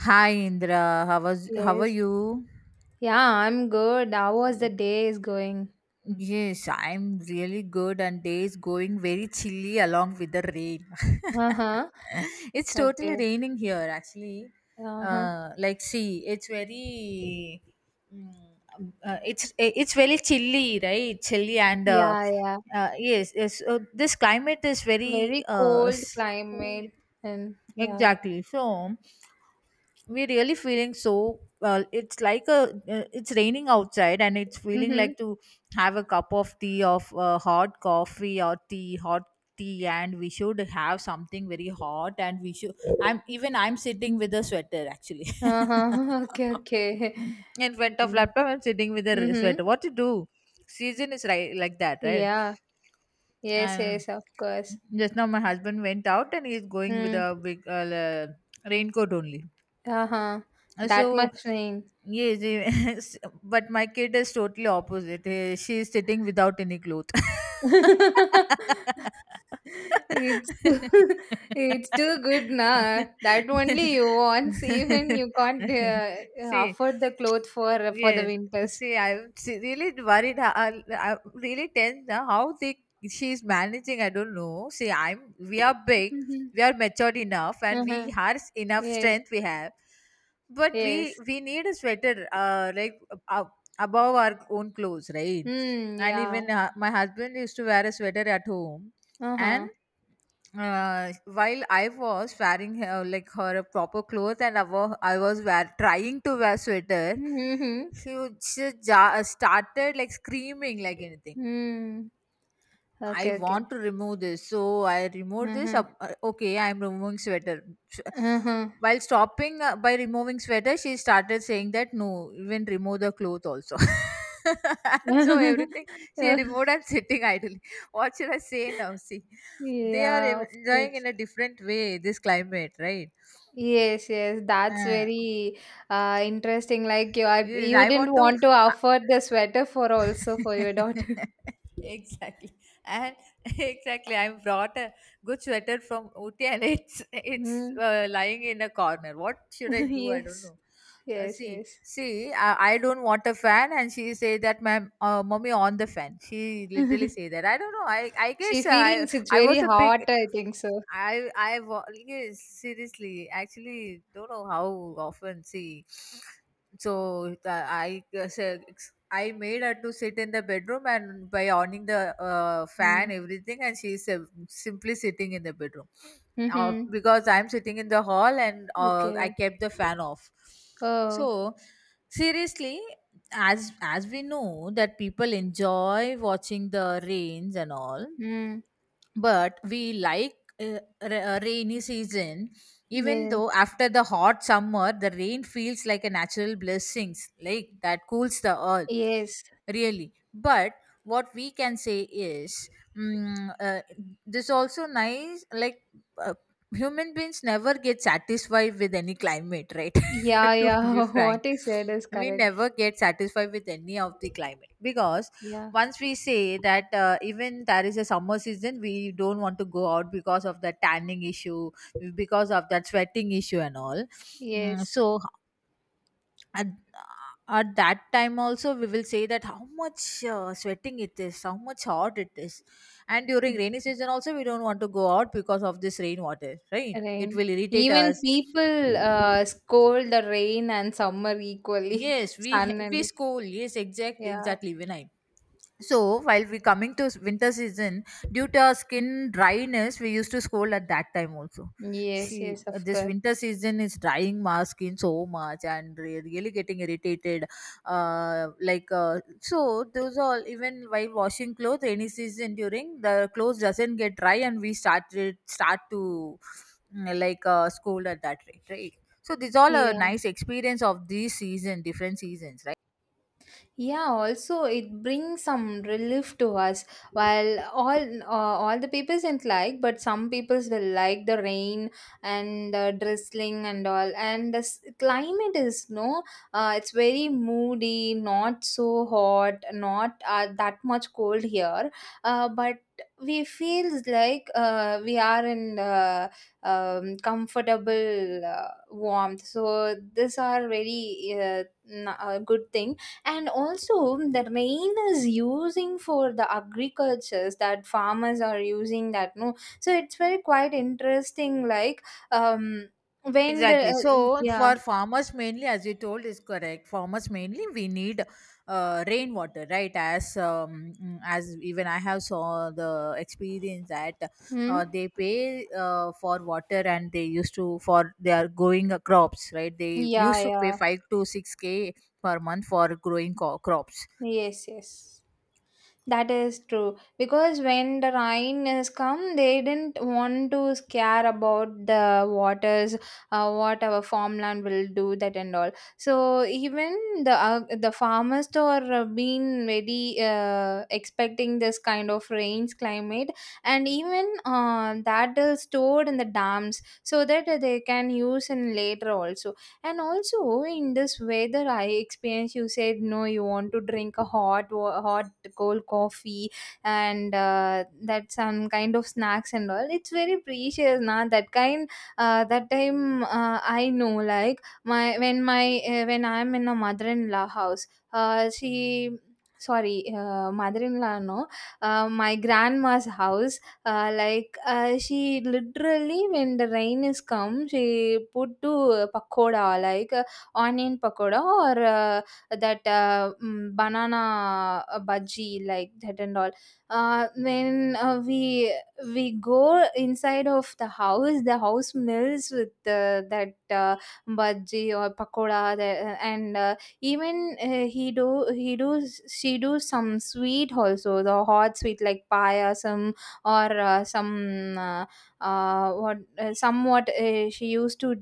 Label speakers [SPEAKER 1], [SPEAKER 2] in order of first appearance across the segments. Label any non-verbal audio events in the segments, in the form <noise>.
[SPEAKER 1] Hi Indra, how are
[SPEAKER 2] Yes.
[SPEAKER 1] you?
[SPEAKER 2] Yeah, I'm good. How was the day is going?
[SPEAKER 1] Yes, I'm really good and day is going very chilly along with the rain.
[SPEAKER 2] Uh-huh.
[SPEAKER 1] <laughs> It's totally
[SPEAKER 2] Okay.
[SPEAKER 1] raining here actually.
[SPEAKER 2] Uh-huh.
[SPEAKER 1] Like see, mm, it's very chilly, right? Chilly and
[SPEAKER 2] Yeah, yeah.
[SPEAKER 1] yes, yes. This climate is very
[SPEAKER 2] Very cold climate and yeah.
[SPEAKER 1] exactly so. We're really feeling so well, it's like a it's raining outside, and it's feeling
[SPEAKER 2] Mm-hmm.
[SPEAKER 1] like to have a cup of tea of hot coffee or tea, hot tea, and we should have something very hot, and we should, I'm even I'm sitting with a sweater actually.
[SPEAKER 2] Uh-huh. <laughs> Okay, okay.
[SPEAKER 1] <laughs> In front of
[SPEAKER 2] Mm.
[SPEAKER 1] laptop, I'm sitting with a
[SPEAKER 2] Mm-hmm.
[SPEAKER 1] sweater. What to do? Season is right like that, right?
[SPEAKER 2] Yeah. Yes,
[SPEAKER 1] And
[SPEAKER 2] yes, of course.
[SPEAKER 1] just now my husband went out, and he's going with
[SPEAKER 2] Mm.
[SPEAKER 1] a big raincoat only.
[SPEAKER 2] Uh-huh.
[SPEAKER 1] Uh,
[SPEAKER 2] That
[SPEAKER 1] So
[SPEAKER 2] much rain.
[SPEAKER 1] yes, yes, <laughs> but my kid is totally opposite. She is sitting without any clothes. <laughs>
[SPEAKER 2] <laughs> It's too, <laughs> it's too good nah. That only you want. <laughs> Even you can't
[SPEAKER 1] See,
[SPEAKER 2] afford the clothes for the
[SPEAKER 1] yes.
[SPEAKER 2] winters.
[SPEAKER 1] See, really worried. I'm really tense now how they she's managing. I don't know. See, I'm we are big,
[SPEAKER 2] Mhm.
[SPEAKER 1] we are matured enough, and we
[SPEAKER 2] Uh-huh.
[SPEAKER 1] have enough
[SPEAKER 2] Yes,
[SPEAKER 1] strength. We have, but we
[SPEAKER 2] yes.
[SPEAKER 1] we need a sweater, like, above our own clothes, right?
[SPEAKER 2] Hmm.
[SPEAKER 1] And
[SPEAKER 2] Yeah.
[SPEAKER 1] even my husband used to wear a sweater at home. And
[SPEAKER 2] Uh-huh.
[SPEAKER 1] while I was wearing her, like her a proper clothes, and trying to wear sweater,
[SPEAKER 2] Mm-hmm.
[SPEAKER 1] she, started like screaming like anything.
[SPEAKER 2] Mm.
[SPEAKER 1] I
[SPEAKER 2] Okay, okay.
[SPEAKER 1] want to remove this. So I removed this.
[SPEAKER 2] Uh-huh.
[SPEAKER 1] Okay, I'm removing sweater.
[SPEAKER 2] Uh-huh.
[SPEAKER 1] While stopping by removing sweater, she started saying that, no, even remove the cloth also. <laughs> And so everything she
[SPEAKER 2] <laughs>
[SPEAKER 1] removed, and sitting idly. What should I say now? See, they are
[SPEAKER 2] yeah, of
[SPEAKER 1] enjoying
[SPEAKER 2] course.
[SPEAKER 1] in a different way this climate, right?
[SPEAKER 2] Yes, yes, that's
[SPEAKER 1] Uh,
[SPEAKER 2] very interesting. Like you are,
[SPEAKER 1] yes,
[SPEAKER 2] you
[SPEAKER 1] I
[SPEAKER 2] didn't
[SPEAKER 1] want to.
[SPEAKER 2] want to
[SPEAKER 1] uh,
[SPEAKER 2] offer the sweater for also for your daughter. <laughs>
[SPEAKER 1] <laughs> exactly. And <laughs> exactly, I brought a good sweater from uti, and it's
[SPEAKER 2] Mm.
[SPEAKER 1] lying in a corner. What should I
[SPEAKER 2] <laughs>
[SPEAKER 1] do? I don't
[SPEAKER 2] Yes,
[SPEAKER 1] know.
[SPEAKER 2] yes,
[SPEAKER 1] See
[SPEAKER 2] yes.
[SPEAKER 1] see I don't want a fan, and she say that my mommy, on the fan, she literally say
[SPEAKER 2] <laughs>
[SPEAKER 1] that I don't know. I
[SPEAKER 2] She
[SPEAKER 1] guess uh, i
[SPEAKER 2] feelings it's
[SPEAKER 1] i
[SPEAKER 2] very
[SPEAKER 1] was a
[SPEAKER 2] hot,
[SPEAKER 1] big.
[SPEAKER 2] I think so.
[SPEAKER 1] Yes, seriously, actually don't know how often. See, I said, I made her to sit in the bedroom, and by owning the fan
[SPEAKER 2] Mm.
[SPEAKER 1] everything, and she is simply sitting in the bedroom.
[SPEAKER 2] Mm-hmm.
[SPEAKER 1] Because I'm sitting in the hall, and I
[SPEAKER 2] Okay.
[SPEAKER 1] kept the fan off.
[SPEAKER 2] Oh.
[SPEAKER 1] So, seriously, as we know that people enjoy watching the rains and all,
[SPEAKER 2] Mm.
[SPEAKER 1] but we like, rainy season. Even
[SPEAKER 2] Yeah.
[SPEAKER 1] though after the hot summer the rain feels like a natural blessings like that, cools the earth,
[SPEAKER 2] Yes.
[SPEAKER 1] really. But what we can say is, mm, uh, this also nice, like, uh, human beings never get satisfied with any climate, right? <laughs>
[SPEAKER 2] Yeah.
[SPEAKER 1] To be
[SPEAKER 2] Yeah. <laughs>
[SPEAKER 1] frank,
[SPEAKER 2] What I said is
[SPEAKER 1] we
[SPEAKER 2] correct.
[SPEAKER 1] never get satisfied with any of the climate, because
[SPEAKER 2] Yeah.
[SPEAKER 1] once we say that, even there is a summer season, we don't want to go out because of the tanning issue, because of that sweating issue and all. Mm,
[SPEAKER 2] Yes.
[SPEAKER 1] so at, uh, at that time also we will say that how much sweating it is, how much hot it is. And during rainy season also, we don't want to go out because of this rainwater, right? It
[SPEAKER 2] Rain.
[SPEAKER 1] will irritate
[SPEAKER 2] Even
[SPEAKER 1] us.
[SPEAKER 2] people scold the rain and summer equally. <laughs>
[SPEAKER 1] Yes, we
[SPEAKER 2] Sun
[SPEAKER 1] we
[SPEAKER 2] and
[SPEAKER 1] school. Yes, exactly,
[SPEAKER 2] yeah.
[SPEAKER 1] exactly, Vinay. So while we coming to winter season, due to our skin dryness, we used to scold at that time also.
[SPEAKER 2] Yes,
[SPEAKER 1] She,
[SPEAKER 2] yes, of
[SPEAKER 1] this
[SPEAKER 2] course.
[SPEAKER 1] winter season is drying my skin so much, and really getting irritated. Like, so those all, even while washing clothes any season during, the clothes doesn't get dry, and we start to, like, scold at that rate, right? So these all a
[SPEAKER 2] Yeah.
[SPEAKER 1] nice experience of these season, different seasons, right?
[SPEAKER 2] Yeah, also it brings some relief to us, while all the peoples didn't like, but some peoples will like the rain and the drizzling and all. And the climate is no, it's very moody, not so hot, not that much cold here, but we feels like we are in the comfortable warmth. So these are very good things. And also the rain is using for the agricultures, that farmers are using that no. So it's very quite interesting, like um when the
[SPEAKER 1] Exactly. So
[SPEAKER 2] yeah.
[SPEAKER 1] for farmers mainly, as you told, is correct. Farmers mainly we need rainwater, right? As even I have saw the experience that
[SPEAKER 2] Hmm?
[SPEAKER 1] they pay for water, and they used to for they are growing crops, right? They
[SPEAKER 2] Yeah,
[SPEAKER 1] used to pay
[SPEAKER 2] yeah.
[SPEAKER 1] 5 to 6K per month for growing crops.
[SPEAKER 2] Yes, yes. That is true, because when the rain has come, they didn't want to scare about the waters, what our farmland will do, that and all. So even the farmers are been very expecting this kind of rains climate, and even that is stored in the dams, so that they can use in later also. And also in this weather, I experience you said no, you want to drink a hot cold coffee and that some kind of snacks and all. It's very precious, na. That kind, that time I know, like my when I'm in a mother-in-law house, uh, she mother-in-law no, my grandma's house. She literally, when the rain is come, she put to pakoda, like onion pakoda or banana bhaji like that and all. When we go inside of the house, the house smells with that bhaji or And even he do she do some sweet also, the hot sweet like payasam or somewhat she used to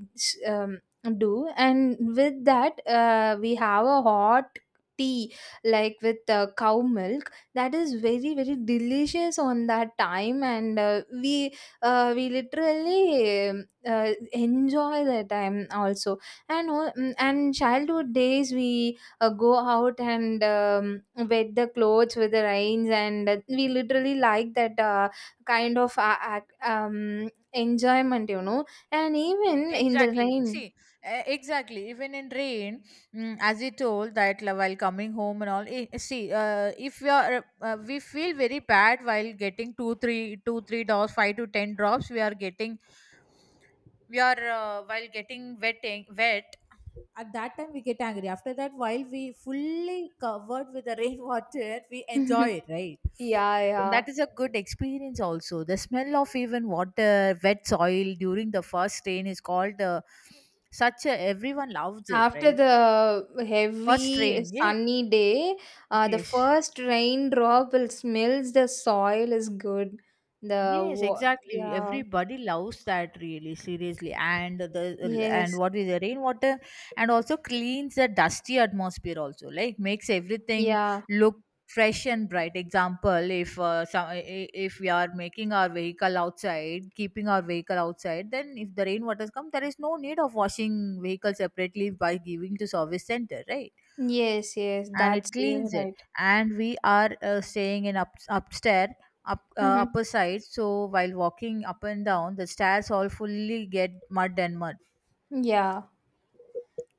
[SPEAKER 2] um, do. And with that we have a hot tea, like with cow milk, that is very very delicious on that time. And we literally enjoy the time also. And and childhood days we go out and wet the clothes with the rains. And we literally like that kind of enjoyment, you know, and even in the
[SPEAKER 1] Exactly.
[SPEAKER 2] rain.
[SPEAKER 1] See, exactly. Even in rain, as you told that, like, while coming home and all. See, if we feel very bad while getting two, three, two, three drops, five to ten drops. We are getting, we are while getting wet, wet. At that time, we get angry. After that, while we fully covered with the <laughs> rainwater, we enjoy
[SPEAKER 2] <laughs>
[SPEAKER 1] it, right?
[SPEAKER 2] Yeah, yeah.
[SPEAKER 1] That is a good experience. Also, the smell of even water wet soil during the first rain is called, such a, everyone loves it,
[SPEAKER 2] After
[SPEAKER 1] right?
[SPEAKER 2] the
[SPEAKER 1] First
[SPEAKER 2] heavy
[SPEAKER 1] rain, yeah.
[SPEAKER 2] sunny day, the
[SPEAKER 1] Yes.
[SPEAKER 2] first raindrop will smells the soil is good. The
[SPEAKER 1] Yes, exactly.
[SPEAKER 2] yeah,
[SPEAKER 1] Everybody loves that really seriously. And the and
[SPEAKER 2] yes,
[SPEAKER 1] what is the rainwater, and also cleans the dusty atmosphere. Also, like, makes everything
[SPEAKER 2] yeah,
[SPEAKER 1] look fresh and bright. Example, if if we are making our vehicle outside, keeping our vehicle outside, then if the rainwaters come, there is no need of washing vehicle separately by giving to service center, right?
[SPEAKER 2] yes, yes.
[SPEAKER 1] And it
[SPEAKER 2] That's you're
[SPEAKER 1] cleans it.
[SPEAKER 2] right.
[SPEAKER 1] And we are staying in, upstairs, up
[SPEAKER 2] Mm-hmm.
[SPEAKER 1] upper side. So while walking up and down the stairs, all fully get mud and mud.
[SPEAKER 2] Yeah.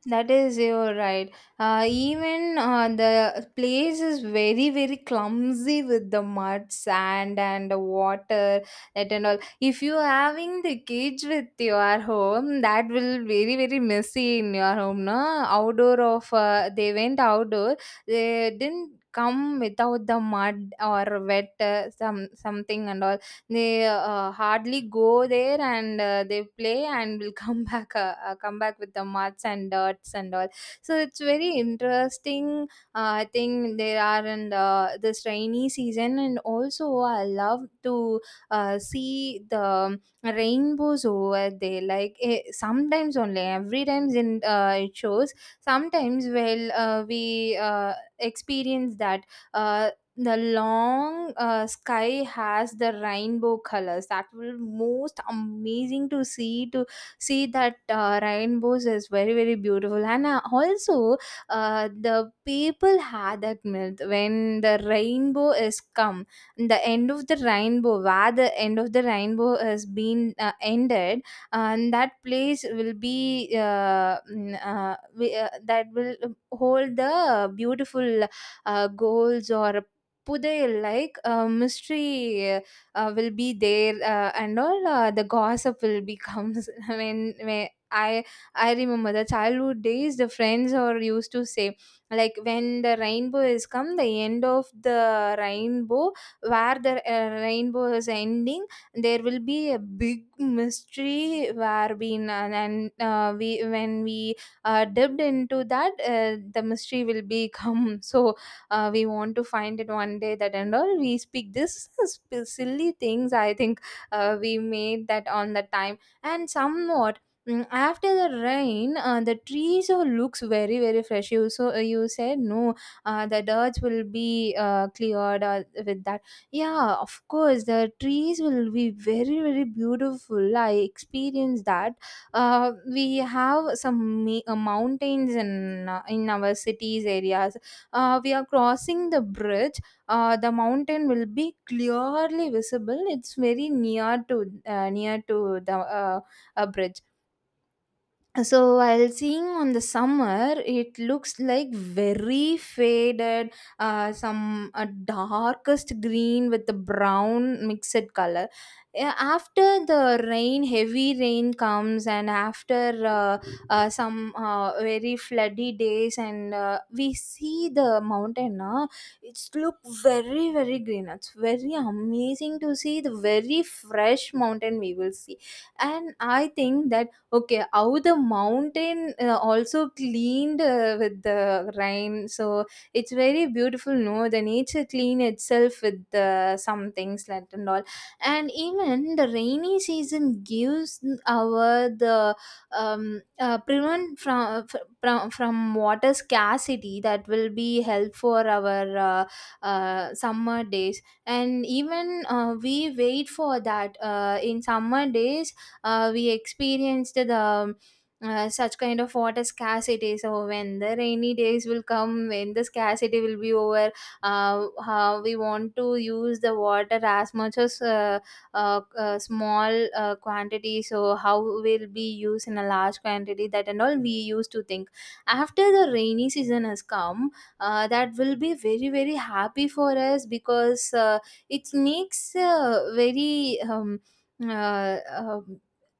[SPEAKER 2] That is, you're right. Even the place is very, very clumsy with the mud, sand, and the water, that and all. If you having the cage with your home, that will very, very messy in your home, no? Outdoor of, they went outdoor, they didn't come without the mud or wet some something and all. They hardly go there, and they play and will come <laughs> back, come back with the muds and dirts and all. So it's very interesting. I think there are in this rainy season, and also I love to see the rainbows over there. Like eh, sometimes only, every times in it shows. Sometimes well, we experience that. Uh, the long sky has the rainbow colors that will most amazing to see that rainbows is very very beautiful. And also the people had that myth, when the rainbow is come, the end of the rainbow, where the end of the rainbow has been ended, and that place will be that will hold the beautiful goals or புதையல் like mystery will be there and all the gossip will be comes. <laughs> when when I I remember the childhood days, the friends or used to say, like when the rainbow is come, the end of the rainbow, where the rainbow is ending, there will be a big mystery, where we n- and we, when we dipped into that, the mystery will become. <laughs> So we want to find it one day, that and all we speak this silly things, I think we made that on the time. And somewhat, after the rain, the trees all looks very very fresh. You so you said no, the dirt will be cleared with that. Yeah, of course the trees will be very very beautiful, I experienced that. uh, we have some mountains in our cities areas. We are crossing the bridge, the mountain will be clearly visible, it's very near to near to the a bridge. So while seeing on the summer, it looks like very faded, some darkest green with the brown mixed color. Yeah, after the rain heavy rain comes, and after uh, some very floody days, and we see the mountain, it's look very very green. It's very amazing to see the very fresh mountain we will see, and I think that okay, how the mountain also cleaned with the rain. So it's very beautiful, no? The nature clean itself with the some things like and all. And even the rainy season gives our the prevent from, from water scarcity, that will be help for our summer days. And even we wait for that in summer days. We experienced the such kind of water scarcity. So when the rainy days will come, when the scarcity will be over, how we want to use the water as much as small quantity, so how will be used in a large quantity, that and all we used to think. After the rainy season has come, that will be very very happy for us, because it makes very uh, uh,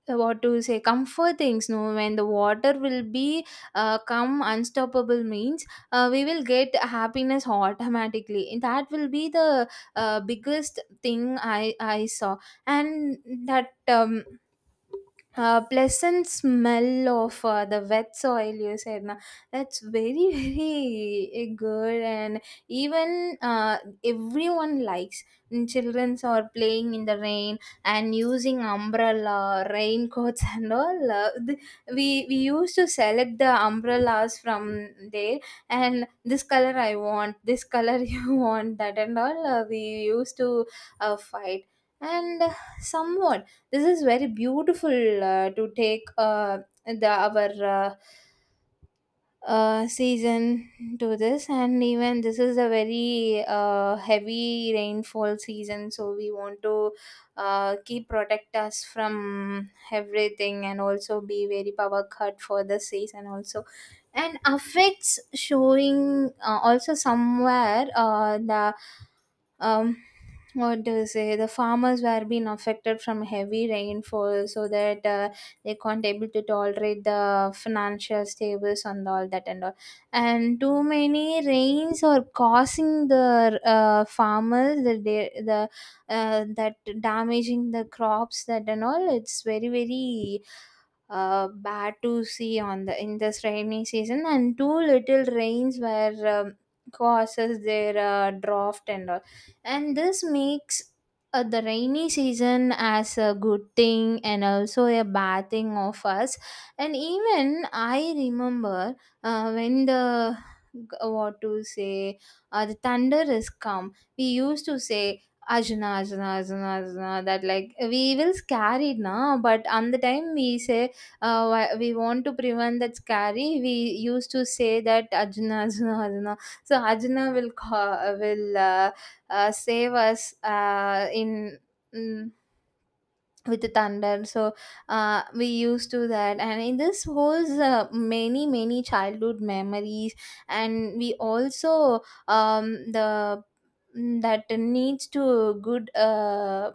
[SPEAKER 2] what to say, comfort things no. When the water will be come unstoppable means, we will get happiness automatically, and that will be the biggest thing I saw. And that pleasant smell of the wet soil, you said na, that's very <laughs> very good. And even everyone likes, children are playing in the rain and using umbrella raincoats <laughs> and all. We used to select the umbrellas from there, and this color I want, this color <laughs> you want, that and all we used to fight. And somewhat this is very beautiful to take the our season to this. And even this is a very heavy rainfall season, so we want to keep protect us from everything, and also be very power cut for the season also. And affects showing also somewhere the um what do you say, the farmers were being affected from heavy rainfall, so that they can't able to tolerate the financial stables and all, that and all. And too many rains are causing the farmers the that damaging the crops, that and all. It's very very bad to see on the in this rainy season. And too little rains were causes their drought and all. And this makes the rainy season as a good thing and also a bad thing of us. And even I remember when the what to say, the thunder is come, we used to say ajna ajna ajna ajna, that like we will scare it now. But on the time we say, we want to prevent that scary, we used to say that ajna ajna ajna. So ajna will will save us mm, with the thunder. So we used to that. And in this was many many childhood memories. And we also um, the that needs to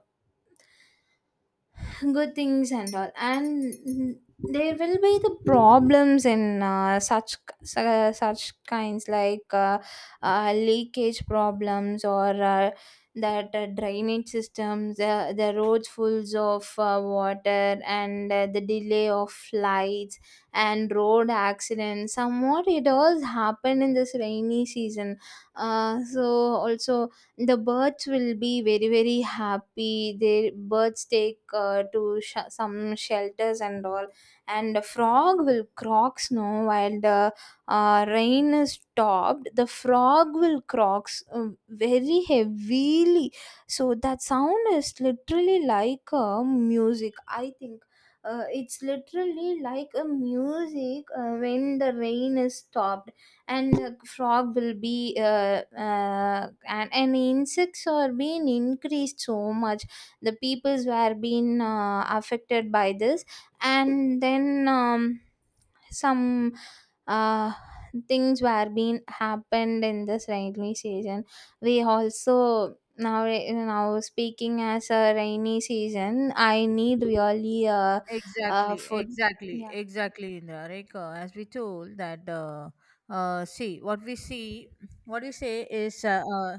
[SPEAKER 2] good things and all. And there will be the problems in such su- Such kinds like leakage problems or that drainage systems, the roads fulls of water, and the delay of flights and road accidents somewhat it does happen in this rainy season. So also the birds will be very, very happy. Their birds take to some shelters and all. And the frog will croak snow while the rain is stopped. The frog will croak very heavily, so that sound is literally like a music, I think. It's literally like a music when the rain is stopped. And the frog will be and insects are being increased so much. The peoples were being affected by this. And then some uh, things were being happened in this rainy season. We also now speaking as a rainy season, I need really
[SPEAKER 1] Exactly,
[SPEAKER 2] food.
[SPEAKER 1] exactly,
[SPEAKER 2] Yeah.
[SPEAKER 1] exactly, Indra. Like, as we told that, see, what we see, what you say is,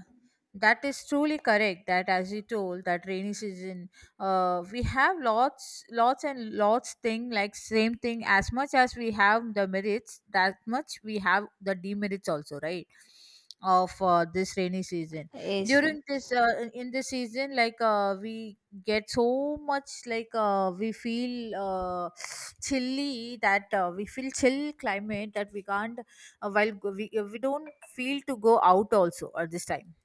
[SPEAKER 1] that is truly correct. That as you told, that rainy season, we have lots, lots and lots thing like same thing. As much as we have the merits, that much we have the demerits also, right? Of this rainy season.
[SPEAKER 2] Yes, yes,
[SPEAKER 1] During this, in this season, like we get so much, like we feel <sniffs> chilly, that we feel chill climate that we can't we don't feel to go out also at this time,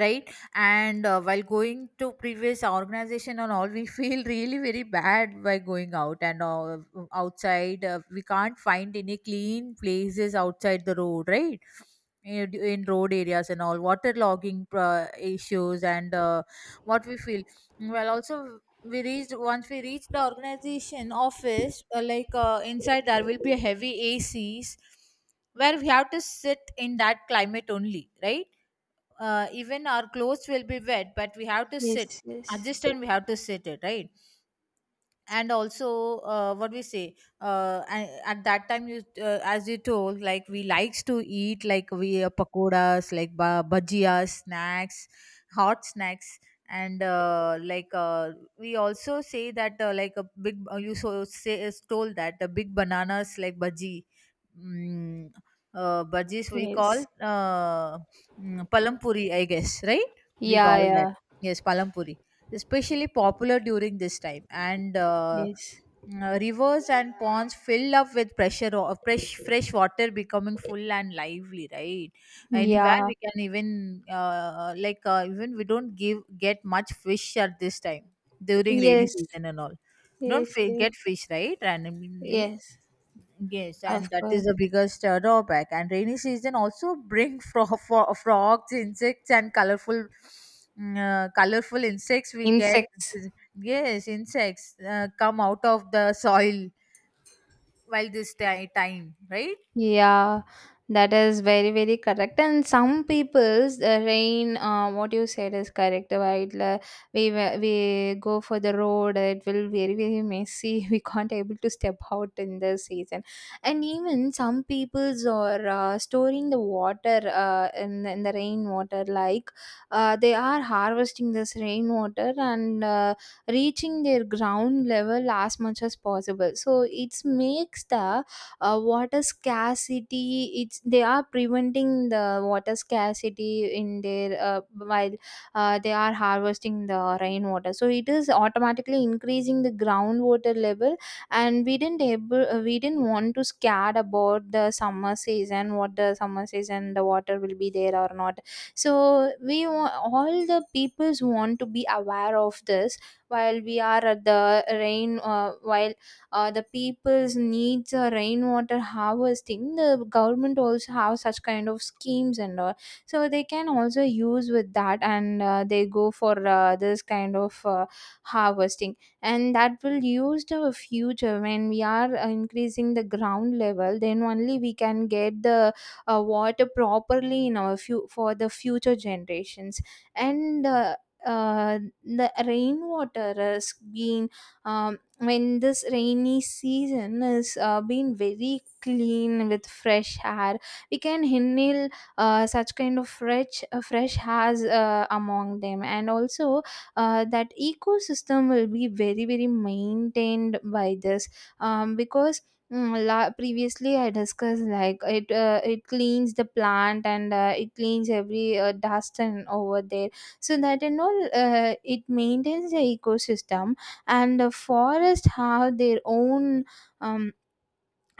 [SPEAKER 1] right? And while going to previous organization and all, <laughs> we feel really very bad by going out. And outside, we can't find any clean places outside the road, right? In road areas and all, water logging issues, and what we feel, well also we reached once we reached the organization office, like, inside there will be heavy ACs, where we have to sit in that climate only, right? Even our clothes will be wet, but we have to
[SPEAKER 2] yes,
[SPEAKER 1] sit,
[SPEAKER 2] yes,
[SPEAKER 1] adjust, and we have to sit it, right? And also, what we say, at that time you, as you told, like we likes to eat, like we pakoras, like bhajias snacks, hot snacks. And like, we also say that, like a big, you so say is told that the big bananas like bhaji, mm, bhajis we call,
[SPEAKER 2] yes.
[SPEAKER 1] palampuri, I guess, right? We
[SPEAKER 2] Yeah,
[SPEAKER 1] call that.
[SPEAKER 2] yeah.
[SPEAKER 1] Yes, palampuri, especially popular during this time. And
[SPEAKER 2] Yes.
[SPEAKER 1] rivers and ponds filled up with pressure of fresh water, becoming full and lively, right? Anywhere
[SPEAKER 2] Yeah.
[SPEAKER 1] we can, even like, even we don't give get much fish at this time, during rainy
[SPEAKER 2] Yes.
[SPEAKER 1] season and all. Don't
[SPEAKER 2] Yes, yes.
[SPEAKER 1] get fish, right, randomly.
[SPEAKER 2] Yes,
[SPEAKER 1] Yes,
[SPEAKER 2] of
[SPEAKER 1] and that
[SPEAKER 2] course.
[SPEAKER 1] is the biggest drawback. And rainy season also <laughs> bring frogs, insects, and colorful, colorful insects. We get,
[SPEAKER 2] Insects.
[SPEAKER 1] yes, insects come out of the soil while time, right?
[SPEAKER 2] Yeah, that is very, very correct. And some people's rain, what you said is correct, right? Like, we go for the road, it will very, very messy. <laughs> We can't able to step out in the season. And even some people's are storing the water in the rainwater, like they are harvesting this rainwater and reaching their ground level as much as possible. So it makes the water scarcity. It's they are preventing the water scarcity in their while they are harvesting the rainwater, so it is automatically increasing the groundwater level. And we didn't want to scared about the summer season, what the summer season the water will be there or not. So all the peoples want to be aware of this while we are at the rain. While The people's needs rainwater harvesting. The government also have such kind of schemes and all, so they can also use with that. And they go for this kind of harvesting, and that will use the future. When we are increasing the ground level, then only we can get the water properly in our few for the future generations. And uh, the rainwater is being, um, when this rainy season is being very clean with fresh air, we can inhale such kind of fresh hairs among them. And also that ecosystem will be very, very maintained by this, because, previously I discussed like it cleans the plant and it cleans every dust and over there. So that and all, it maintains the ecosystem. And the forest have their own, um,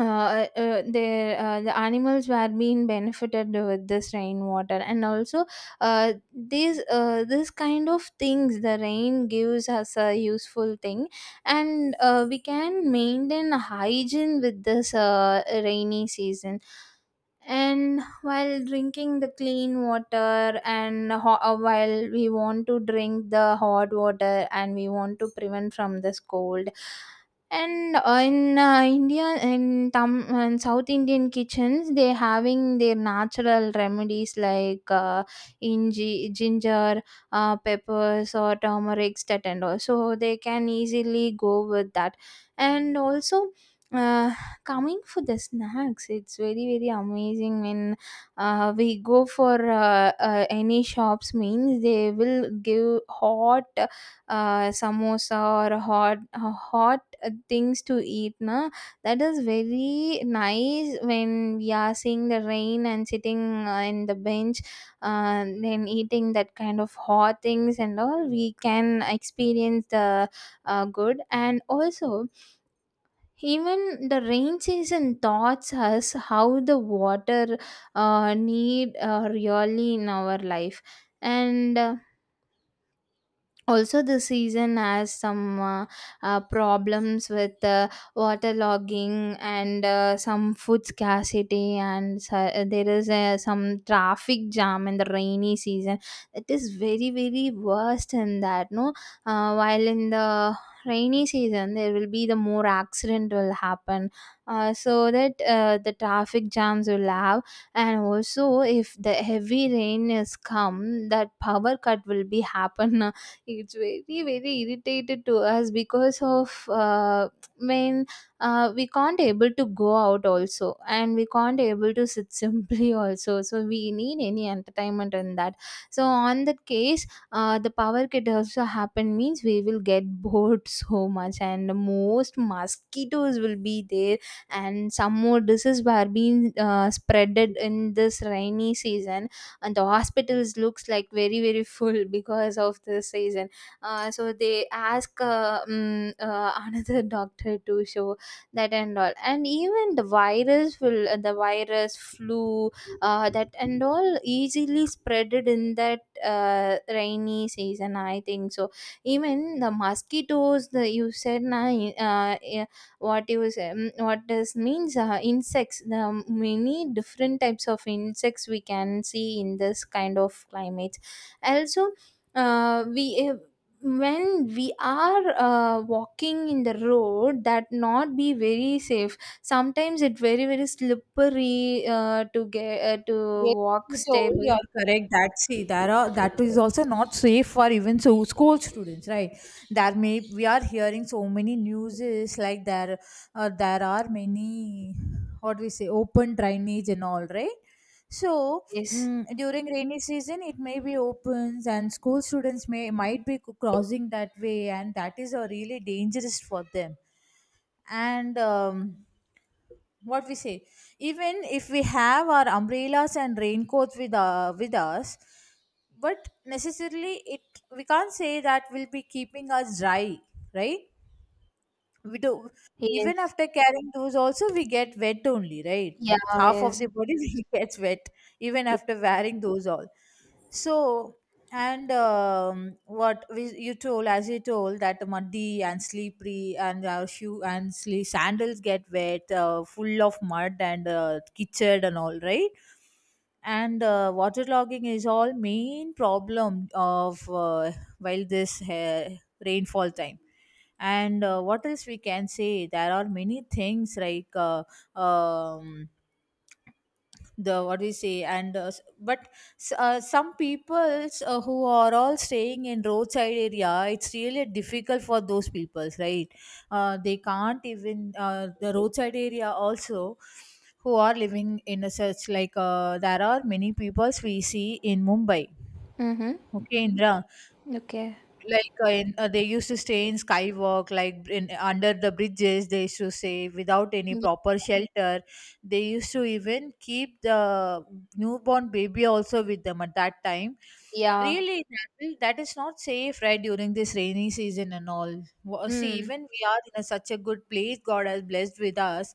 [SPEAKER 2] the animals were being benefited with this rainwater. And also these this kind of things, the rain gives us a useful thing. And we can maintain hygiene with this rainy season, and while drinking the clean water. And while we want to drink the hot water and we want to prevent from this cold. And in India, in tam in south Indian kitchens, they having their natural remedies like inji, ginger, peppers or turmeric, that and all. So they can easily go with that. And also, uh, coming for the snacks, it's very, very amazing when we go for any shops. Means they will give hot samosa or hot things to eat. Na, that is very nice when we are seeing the rain and sitting in the bench, then eating that kind of hot things, and all we can experience the good. And also, even the rain season taught us how the water need really in our life. And Also, the season has some problems with waterlogging and some food scarcity. And there is some traffic jam in the rainy season. It is very, very worst in that, no? While in the rainy season there will be the more accident will happen. So that the traffic jams will have. And also, if the heavy rain is come, that power cut will be happen. It's very, very irritated to us because of, mean, we can't able to go out also, and we can't able to sit <laughs> simply also. So we need any entertainment in that. So on that case, the power cut also happen means we will get bored <laughs> so much. And most mosquitoes will be there, and some more diseases were being spreaded in this rainy season. And the hospitals looks like very, very full <laughs> because of the season. So they ask, <laughs> another doctor to show, that and all. And even the virus will the virus flu, that and all, easily spreaded in that rainy season, I think so. Even the mosquitoes the you said na, uh, what you say, what does means, insects, the many different types of insects we can see in this kind of climates. Also, we when we are walking in the road, that not be very safe. Sometimes it very, very slippery to
[SPEAKER 1] Yes,
[SPEAKER 2] walk
[SPEAKER 1] you told you
[SPEAKER 2] stable.
[SPEAKER 1] are correct that see there are that is also not safe for even so school students, right? There may we are hearing so many news is like there there are many, what we say, open drainage and all, right? So
[SPEAKER 2] Yes,
[SPEAKER 1] during rainy season it may be opens and school students may might be crossing that way, and that is a really dangerous for them. And what we say, even if we have our umbrellas and raincoats with us, but necessarily it we can't say that will be keeping us dry, right? We do, even
[SPEAKER 2] yes.
[SPEAKER 1] after carrying those also we get wet only, right?
[SPEAKER 2] Yeah.
[SPEAKER 1] Half of
[SPEAKER 2] Yes.
[SPEAKER 1] the body <laughs> gets wet even after wearing those all. So and what we, you told as you told that muddy and slippery and our shoe and sandals get wet, full of mud and kitchen and all, right? And waterlogging is all main problem of while this rainfall time. And what else we can say, there are many things like um, the what do you say, and but some peoples who are all staying in roadside area, it's really difficult for those peoples, right? They can't even the roadside area also, who are living in a such like there are many peoples we see in Mumbai.
[SPEAKER 2] Mm-hmm.
[SPEAKER 1] Okay, Indra.
[SPEAKER 2] Okay.
[SPEAKER 1] Like in, they used to stay in skywalk, like in under the bridges they used to say without any
[SPEAKER 2] Yeah,
[SPEAKER 1] proper shelter. They used to even keep the newborn baby also with them at that time.
[SPEAKER 2] yeah.
[SPEAKER 1] Really that, that is not safe, right, during this rainy season and all. See,
[SPEAKER 2] Mm.
[SPEAKER 1] even we are in a, such a good place, God has blessed with us.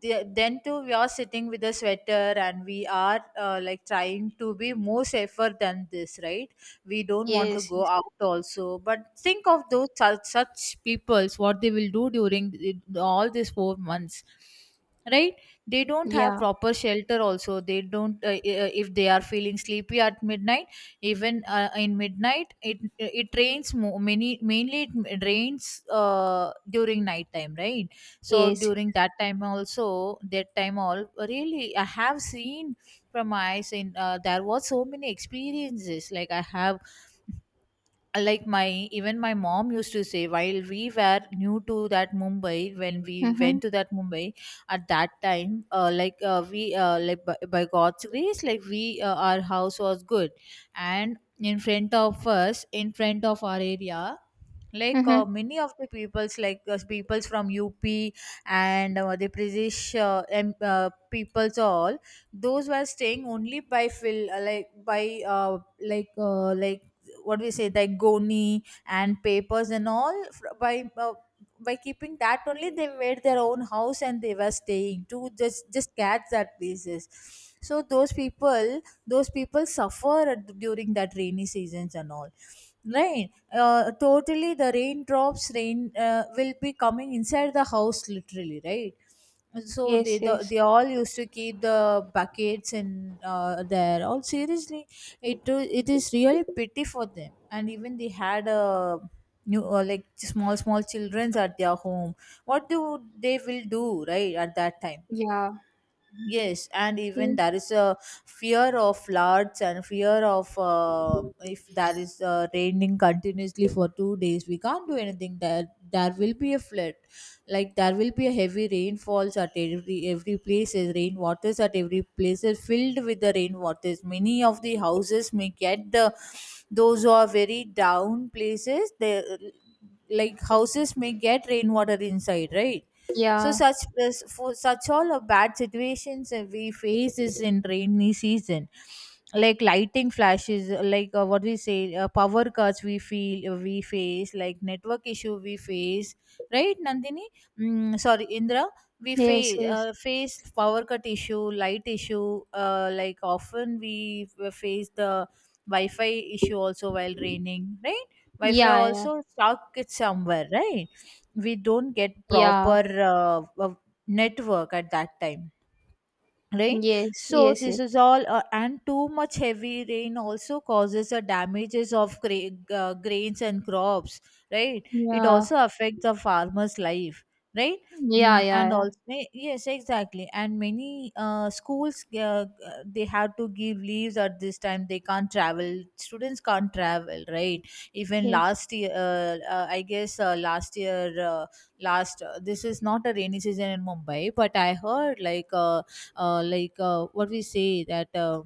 [SPEAKER 1] Then too we are sitting with a sweater and we are like trying to be more safer than this, right? We don't want to
[SPEAKER 2] Yes,
[SPEAKER 1] go
[SPEAKER 2] yes.
[SPEAKER 1] out also, but think of those such, such peoples, what they will do during all these 4 months, right? They don't have
[SPEAKER 2] Yeah.
[SPEAKER 1] proper shelter also, they don't if they are feeling sleepy at midnight, even in midnight it rains mo- many mainly it rains during night time, right? So
[SPEAKER 2] Yes.
[SPEAKER 1] during that time also, that time all, really I have seen from my eyes in there was so many experiences like I have, like my even my mom used to say while we were new to that Mumbai, when we
[SPEAKER 2] Mhm.
[SPEAKER 1] went to that Mumbai. At that time like we like by God's grace, like we our house was good. And in front of us, in front of our area, like
[SPEAKER 2] Mhm.
[SPEAKER 1] many of the peoples, like peoples from up, and the British peoples all, those were staying only by phil like by like like what do we say, like goni and papers and all, by keeping that only they made their own house, and they were staying to just catch that places. So those people suffer during that rainy seasons and all. Right. Totally, the raindrops rain will be coming inside the house, literally. Right. And so they
[SPEAKER 2] Yes,
[SPEAKER 1] the,
[SPEAKER 2] yes.
[SPEAKER 1] they all used to keep the buckets and there. All seriously, it is really pity for them. And even they had a new like small small childrens at their home. What do they will do, right, at that time?
[SPEAKER 2] Yeah.
[SPEAKER 1] Yes, and even
[SPEAKER 2] He.
[SPEAKER 1] there is a fear of floods and fear of if there is raining continuously for 2 days, we can't do anything. There will be a flood, like there will be a heavy rainfalls at every places. Rainwaters at every place is filled with the rainwaters. Many of the houses may get the those who are very down places. They like houses may get rainwater inside, right? So
[SPEAKER 2] Yeah.
[SPEAKER 1] such for such all of bad situations that we face is in rainy season, like lighting flashes, like what we say, power cuts we feel we face, like network issue we face, right, Nandini? Mm, sorry, Indra. We
[SPEAKER 2] Yes,
[SPEAKER 1] face
[SPEAKER 2] yes.
[SPEAKER 1] face power cut issue, light issue. Like often we face the Wi-Fi issue also while raining, right? Wi-Fi
[SPEAKER 2] Yeah, yeah.
[SPEAKER 1] also stuck it somewhere, right? We don't get
[SPEAKER 2] Yeah.
[SPEAKER 1] proper network at that time. Right,
[SPEAKER 2] Yes,
[SPEAKER 1] so
[SPEAKER 2] yes,
[SPEAKER 1] this
[SPEAKER 2] yes.
[SPEAKER 1] is all and too much heavy rain also causes the damages of grains and crops, right? It
[SPEAKER 2] Yeah.
[SPEAKER 1] also affects the farmer's life, right?
[SPEAKER 2] Yeah,
[SPEAKER 1] Mm,
[SPEAKER 2] yeah,
[SPEAKER 1] and
[SPEAKER 2] yeah.
[SPEAKER 1] also eh, yes exactly, and many schools they have to give leaves at this time, they can't travel, students can't travel, right? Even
[SPEAKER 2] Yes.
[SPEAKER 1] last year I guess last year last this is not a rainy season in Mumbai, but I heard like what we say that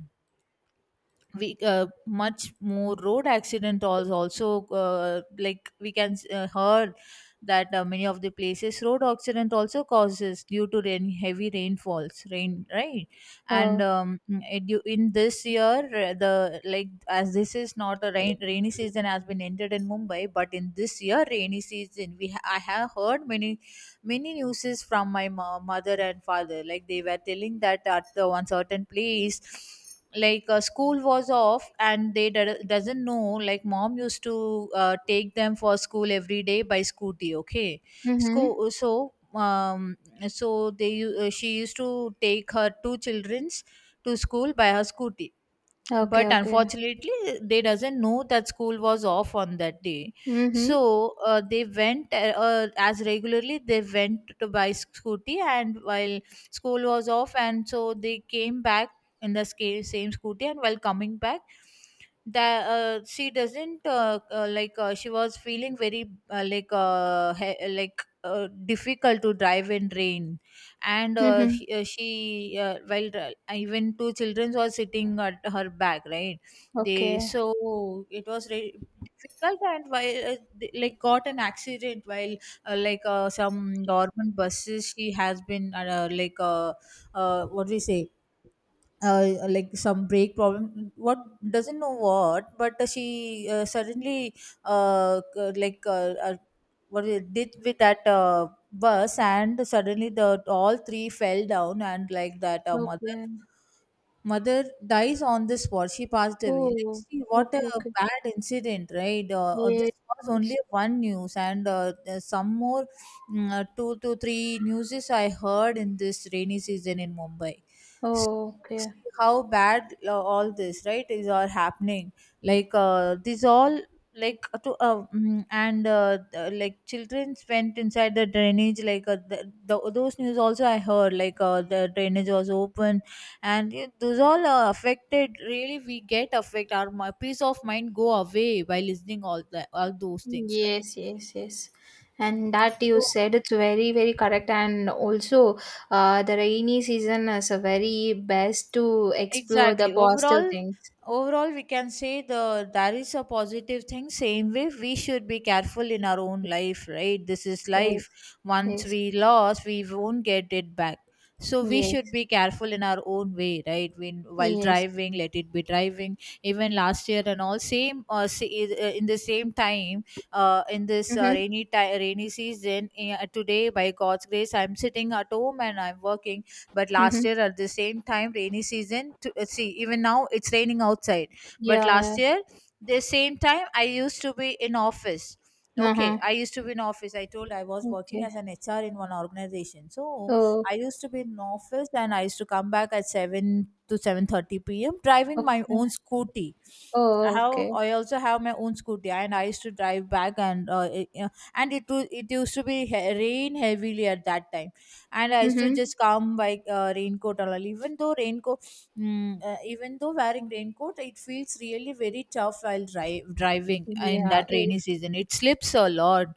[SPEAKER 1] we much more road accident was also like we can heard that many of the places road accident also causes due to rain, heavy rainfalls rain, right? And
[SPEAKER 2] Oh.
[SPEAKER 1] it, in this year the like as this is not a rainy season has been entered in Mumbai, but in this year rainy season I have heard many many newses from my mother and father, like they were telling that at the one certain place, like school was off and they doesn't know, like mom used to take them for school every day by scooty, okay?
[SPEAKER 2] Mhm.
[SPEAKER 1] So so they she used to take her two childrens to school by her scooty. But
[SPEAKER 2] Okay, okay.
[SPEAKER 1] unfortunately they doesn't know that school was off on that day.
[SPEAKER 2] Mhm.
[SPEAKER 1] So they went as regularly they went to buy scooty, and while school was off, and so they came back in the same scooty, and while coming back that she doesn't like she was feeling very like like difficult to drive in rain. And
[SPEAKER 2] Mhm.
[SPEAKER 1] she while even two children were sitting at her back, right? They
[SPEAKER 2] Okay.
[SPEAKER 1] so it was difficult, and while they, like got an accident while like some government buses she has been like what do we say, like some break problem, what doesn't know what, but she suddenly like what it did with that bus, and suddenly the all three fell down, and like that mother
[SPEAKER 2] Okay.
[SPEAKER 1] mother dies on the spot. She passed away. Like,
[SPEAKER 2] Oh.
[SPEAKER 1] see, what a
[SPEAKER 2] Okay, okay.
[SPEAKER 1] bad incident, right? This was
[SPEAKER 2] Yes.
[SPEAKER 1] only one news, and there's some more two to three newses I heard in this rainy season in Mumbai. So,
[SPEAKER 2] Oh, okay.
[SPEAKER 1] see how bad all this, right, is all happening. Like, these all like and like children went inside the drainage, like the, those news also I heard, like the drainage was open, and those all are affected. Really we get affect, our peace of mind go away by listening all that, all those things, right?
[SPEAKER 2] Yes, yes, yes. And that you
[SPEAKER 1] So
[SPEAKER 2] said it's very, very correct. And also, the rainy season is a very best to explore the
[SPEAKER 1] exactly.
[SPEAKER 2] positive
[SPEAKER 1] Overall,
[SPEAKER 2] things.
[SPEAKER 1] overall, we can say the there is a positive thing. Same way, we should be careful in our own life, right? This is life.
[SPEAKER 2] Yes,
[SPEAKER 1] Once
[SPEAKER 2] yes,
[SPEAKER 1] we lost, we won't get it back. So we
[SPEAKER 2] yes,
[SPEAKER 1] should be careful in our own way, right? When while
[SPEAKER 2] yes.
[SPEAKER 1] driving, let it be driving. Even last year and all, same in the same time, in this
[SPEAKER 2] Mm-hmm.
[SPEAKER 1] rainy time, rainy season. Today, by God's grace, I'm sitting at home and I'm working, but last
[SPEAKER 2] Mm-hmm.
[SPEAKER 1] year at the same time, rainy season to see, even now it's raining outside, but
[SPEAKER 2] Yeah, yeah.
[SPEAKER 1] last year the same time I used to be in office. Okay,
[SPEAKER 2] Uh-huh.
[SPEAKER 1] I used to be in office, I told, I was working
[SPEAKER 2] Okay.
[SPEAKER 1] as an HR in one organization. So
[SPEAKER 2] Oh,
[SPEAKER 1] I used to be in office, and I used to come back at 7 to 7:30 p.m. driving my
[SPEAKER 2] okay.
[SPEAKER 1] own scooty. I
[SPEAKER 2] Oh,
[SPEAKER 1] have,
[SPEAKER 2] okay.
[SPEAKER 1] I also have my own scooty, and I used to drive back, and it used to be rain heavily at that time, and I used to
[SPEAKER 2] Mm-hmm.
[SPEAKER 1] just come by raincoat and all. Even though raincoat, mm, even though wearing raincoat, it feels really very tough while driving in
[SPEAKER 2] Yeah,
[SPEAKER 1] that rainy
[SPEAKER 2] yes,
[SPEAKER 1] season. It slips a lot.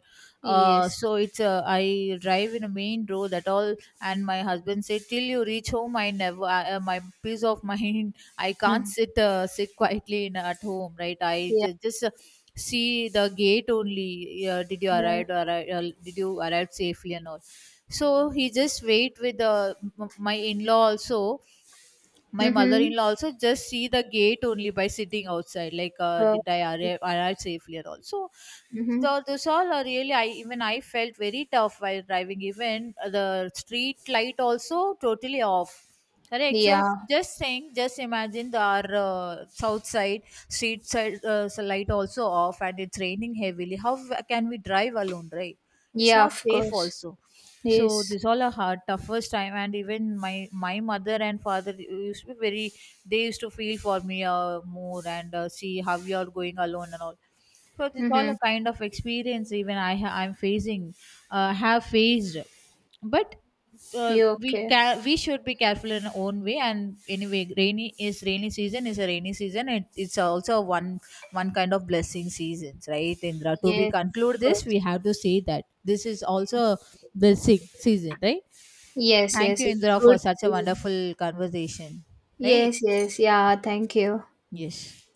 [SPEAKER 2] yes.
[SPEAKER 1] So it's I drive in a main road at all, and my husband said, "Till you reach home, I never I- my peace of mind. <laughs> I can't
[SPEAKER 2] Mhm.
[SPEAKER 1] sit quietly in at home, right?
[SPEAKER 2] Yeah,
[SPEAKER 1] Just see the gate only. Did you
[SPEAKER 2] yeah.
[SPEAKER 1] arrive? Arrive did you arrive safely and all?" So he just wait with my in law also, my
[SPEAKER 2] Mm-hmm.
[SPEAKER 1] mother-in-law also just see the gate only by sitting outside, like
[SPEAKER 2] Uh,
[SPEAKER 1] did I arrive safely and all. So
[SPEAKER 2] mm-hmm.
[SPEAKER 1] the, this all are really I, even I felt very tough while driving. Even the street light also totally off, correct? So
[SPEAKER 2] Yeah,
[SPEAKER 1] just saying, just imagine the our south side street side light also off, and it's raining heavily. How can we drive alone, right? It's
[SPEAKER 2] yeah,
[SPEAKER 1] not
[SPEAKER 2] of
[SPEAKER 1] safe
[SPEAKER 2] course.
[SPEAKER 1] also. So
[SPEAKER 2] Yes.
[SPEAKER 1] this all a hard, toughest time, and even my mother and father used to be very. They used to feel for me more, and see how you are going alone and all. So it's all
[SPEAKER 2] Mm-hmm.
[SPEAKER 1] a kind of experience, even I'm facing, have faced, but
[SPEAKER 2] You okay?
[SPEAKER 1] we should be careful in our own way. And anyway, rainy season is a rainy season. It, it's also one kind of blessing seasons, right, Indra? To be
[SPEAKER 2] Yes, of
[SPEAKER 1] conclude this,
[SPEAKER 2] course.
[SPEAKER 1] we have to say that this is also
[SPEAKER 2] Yes.
[SPEAKER 1] a blessing season, right?
[SPEAKER 2] Yes,
[SPEAKER 1] Thank
[SPEAKER 2] yes,
[SPEAKER 1] you,
[SPEAKER 2] it's
[SPEAKER 1] Indra, for
[SPEAKER 2] good
[SPEAKER 1] such a
[SPEAKER 2] season.
[SPEAKER 1] wonderful conversation, right?
[SPEAKER 2] Yes, yes, yeah, thank you.
[SPEAKER 1] Yes.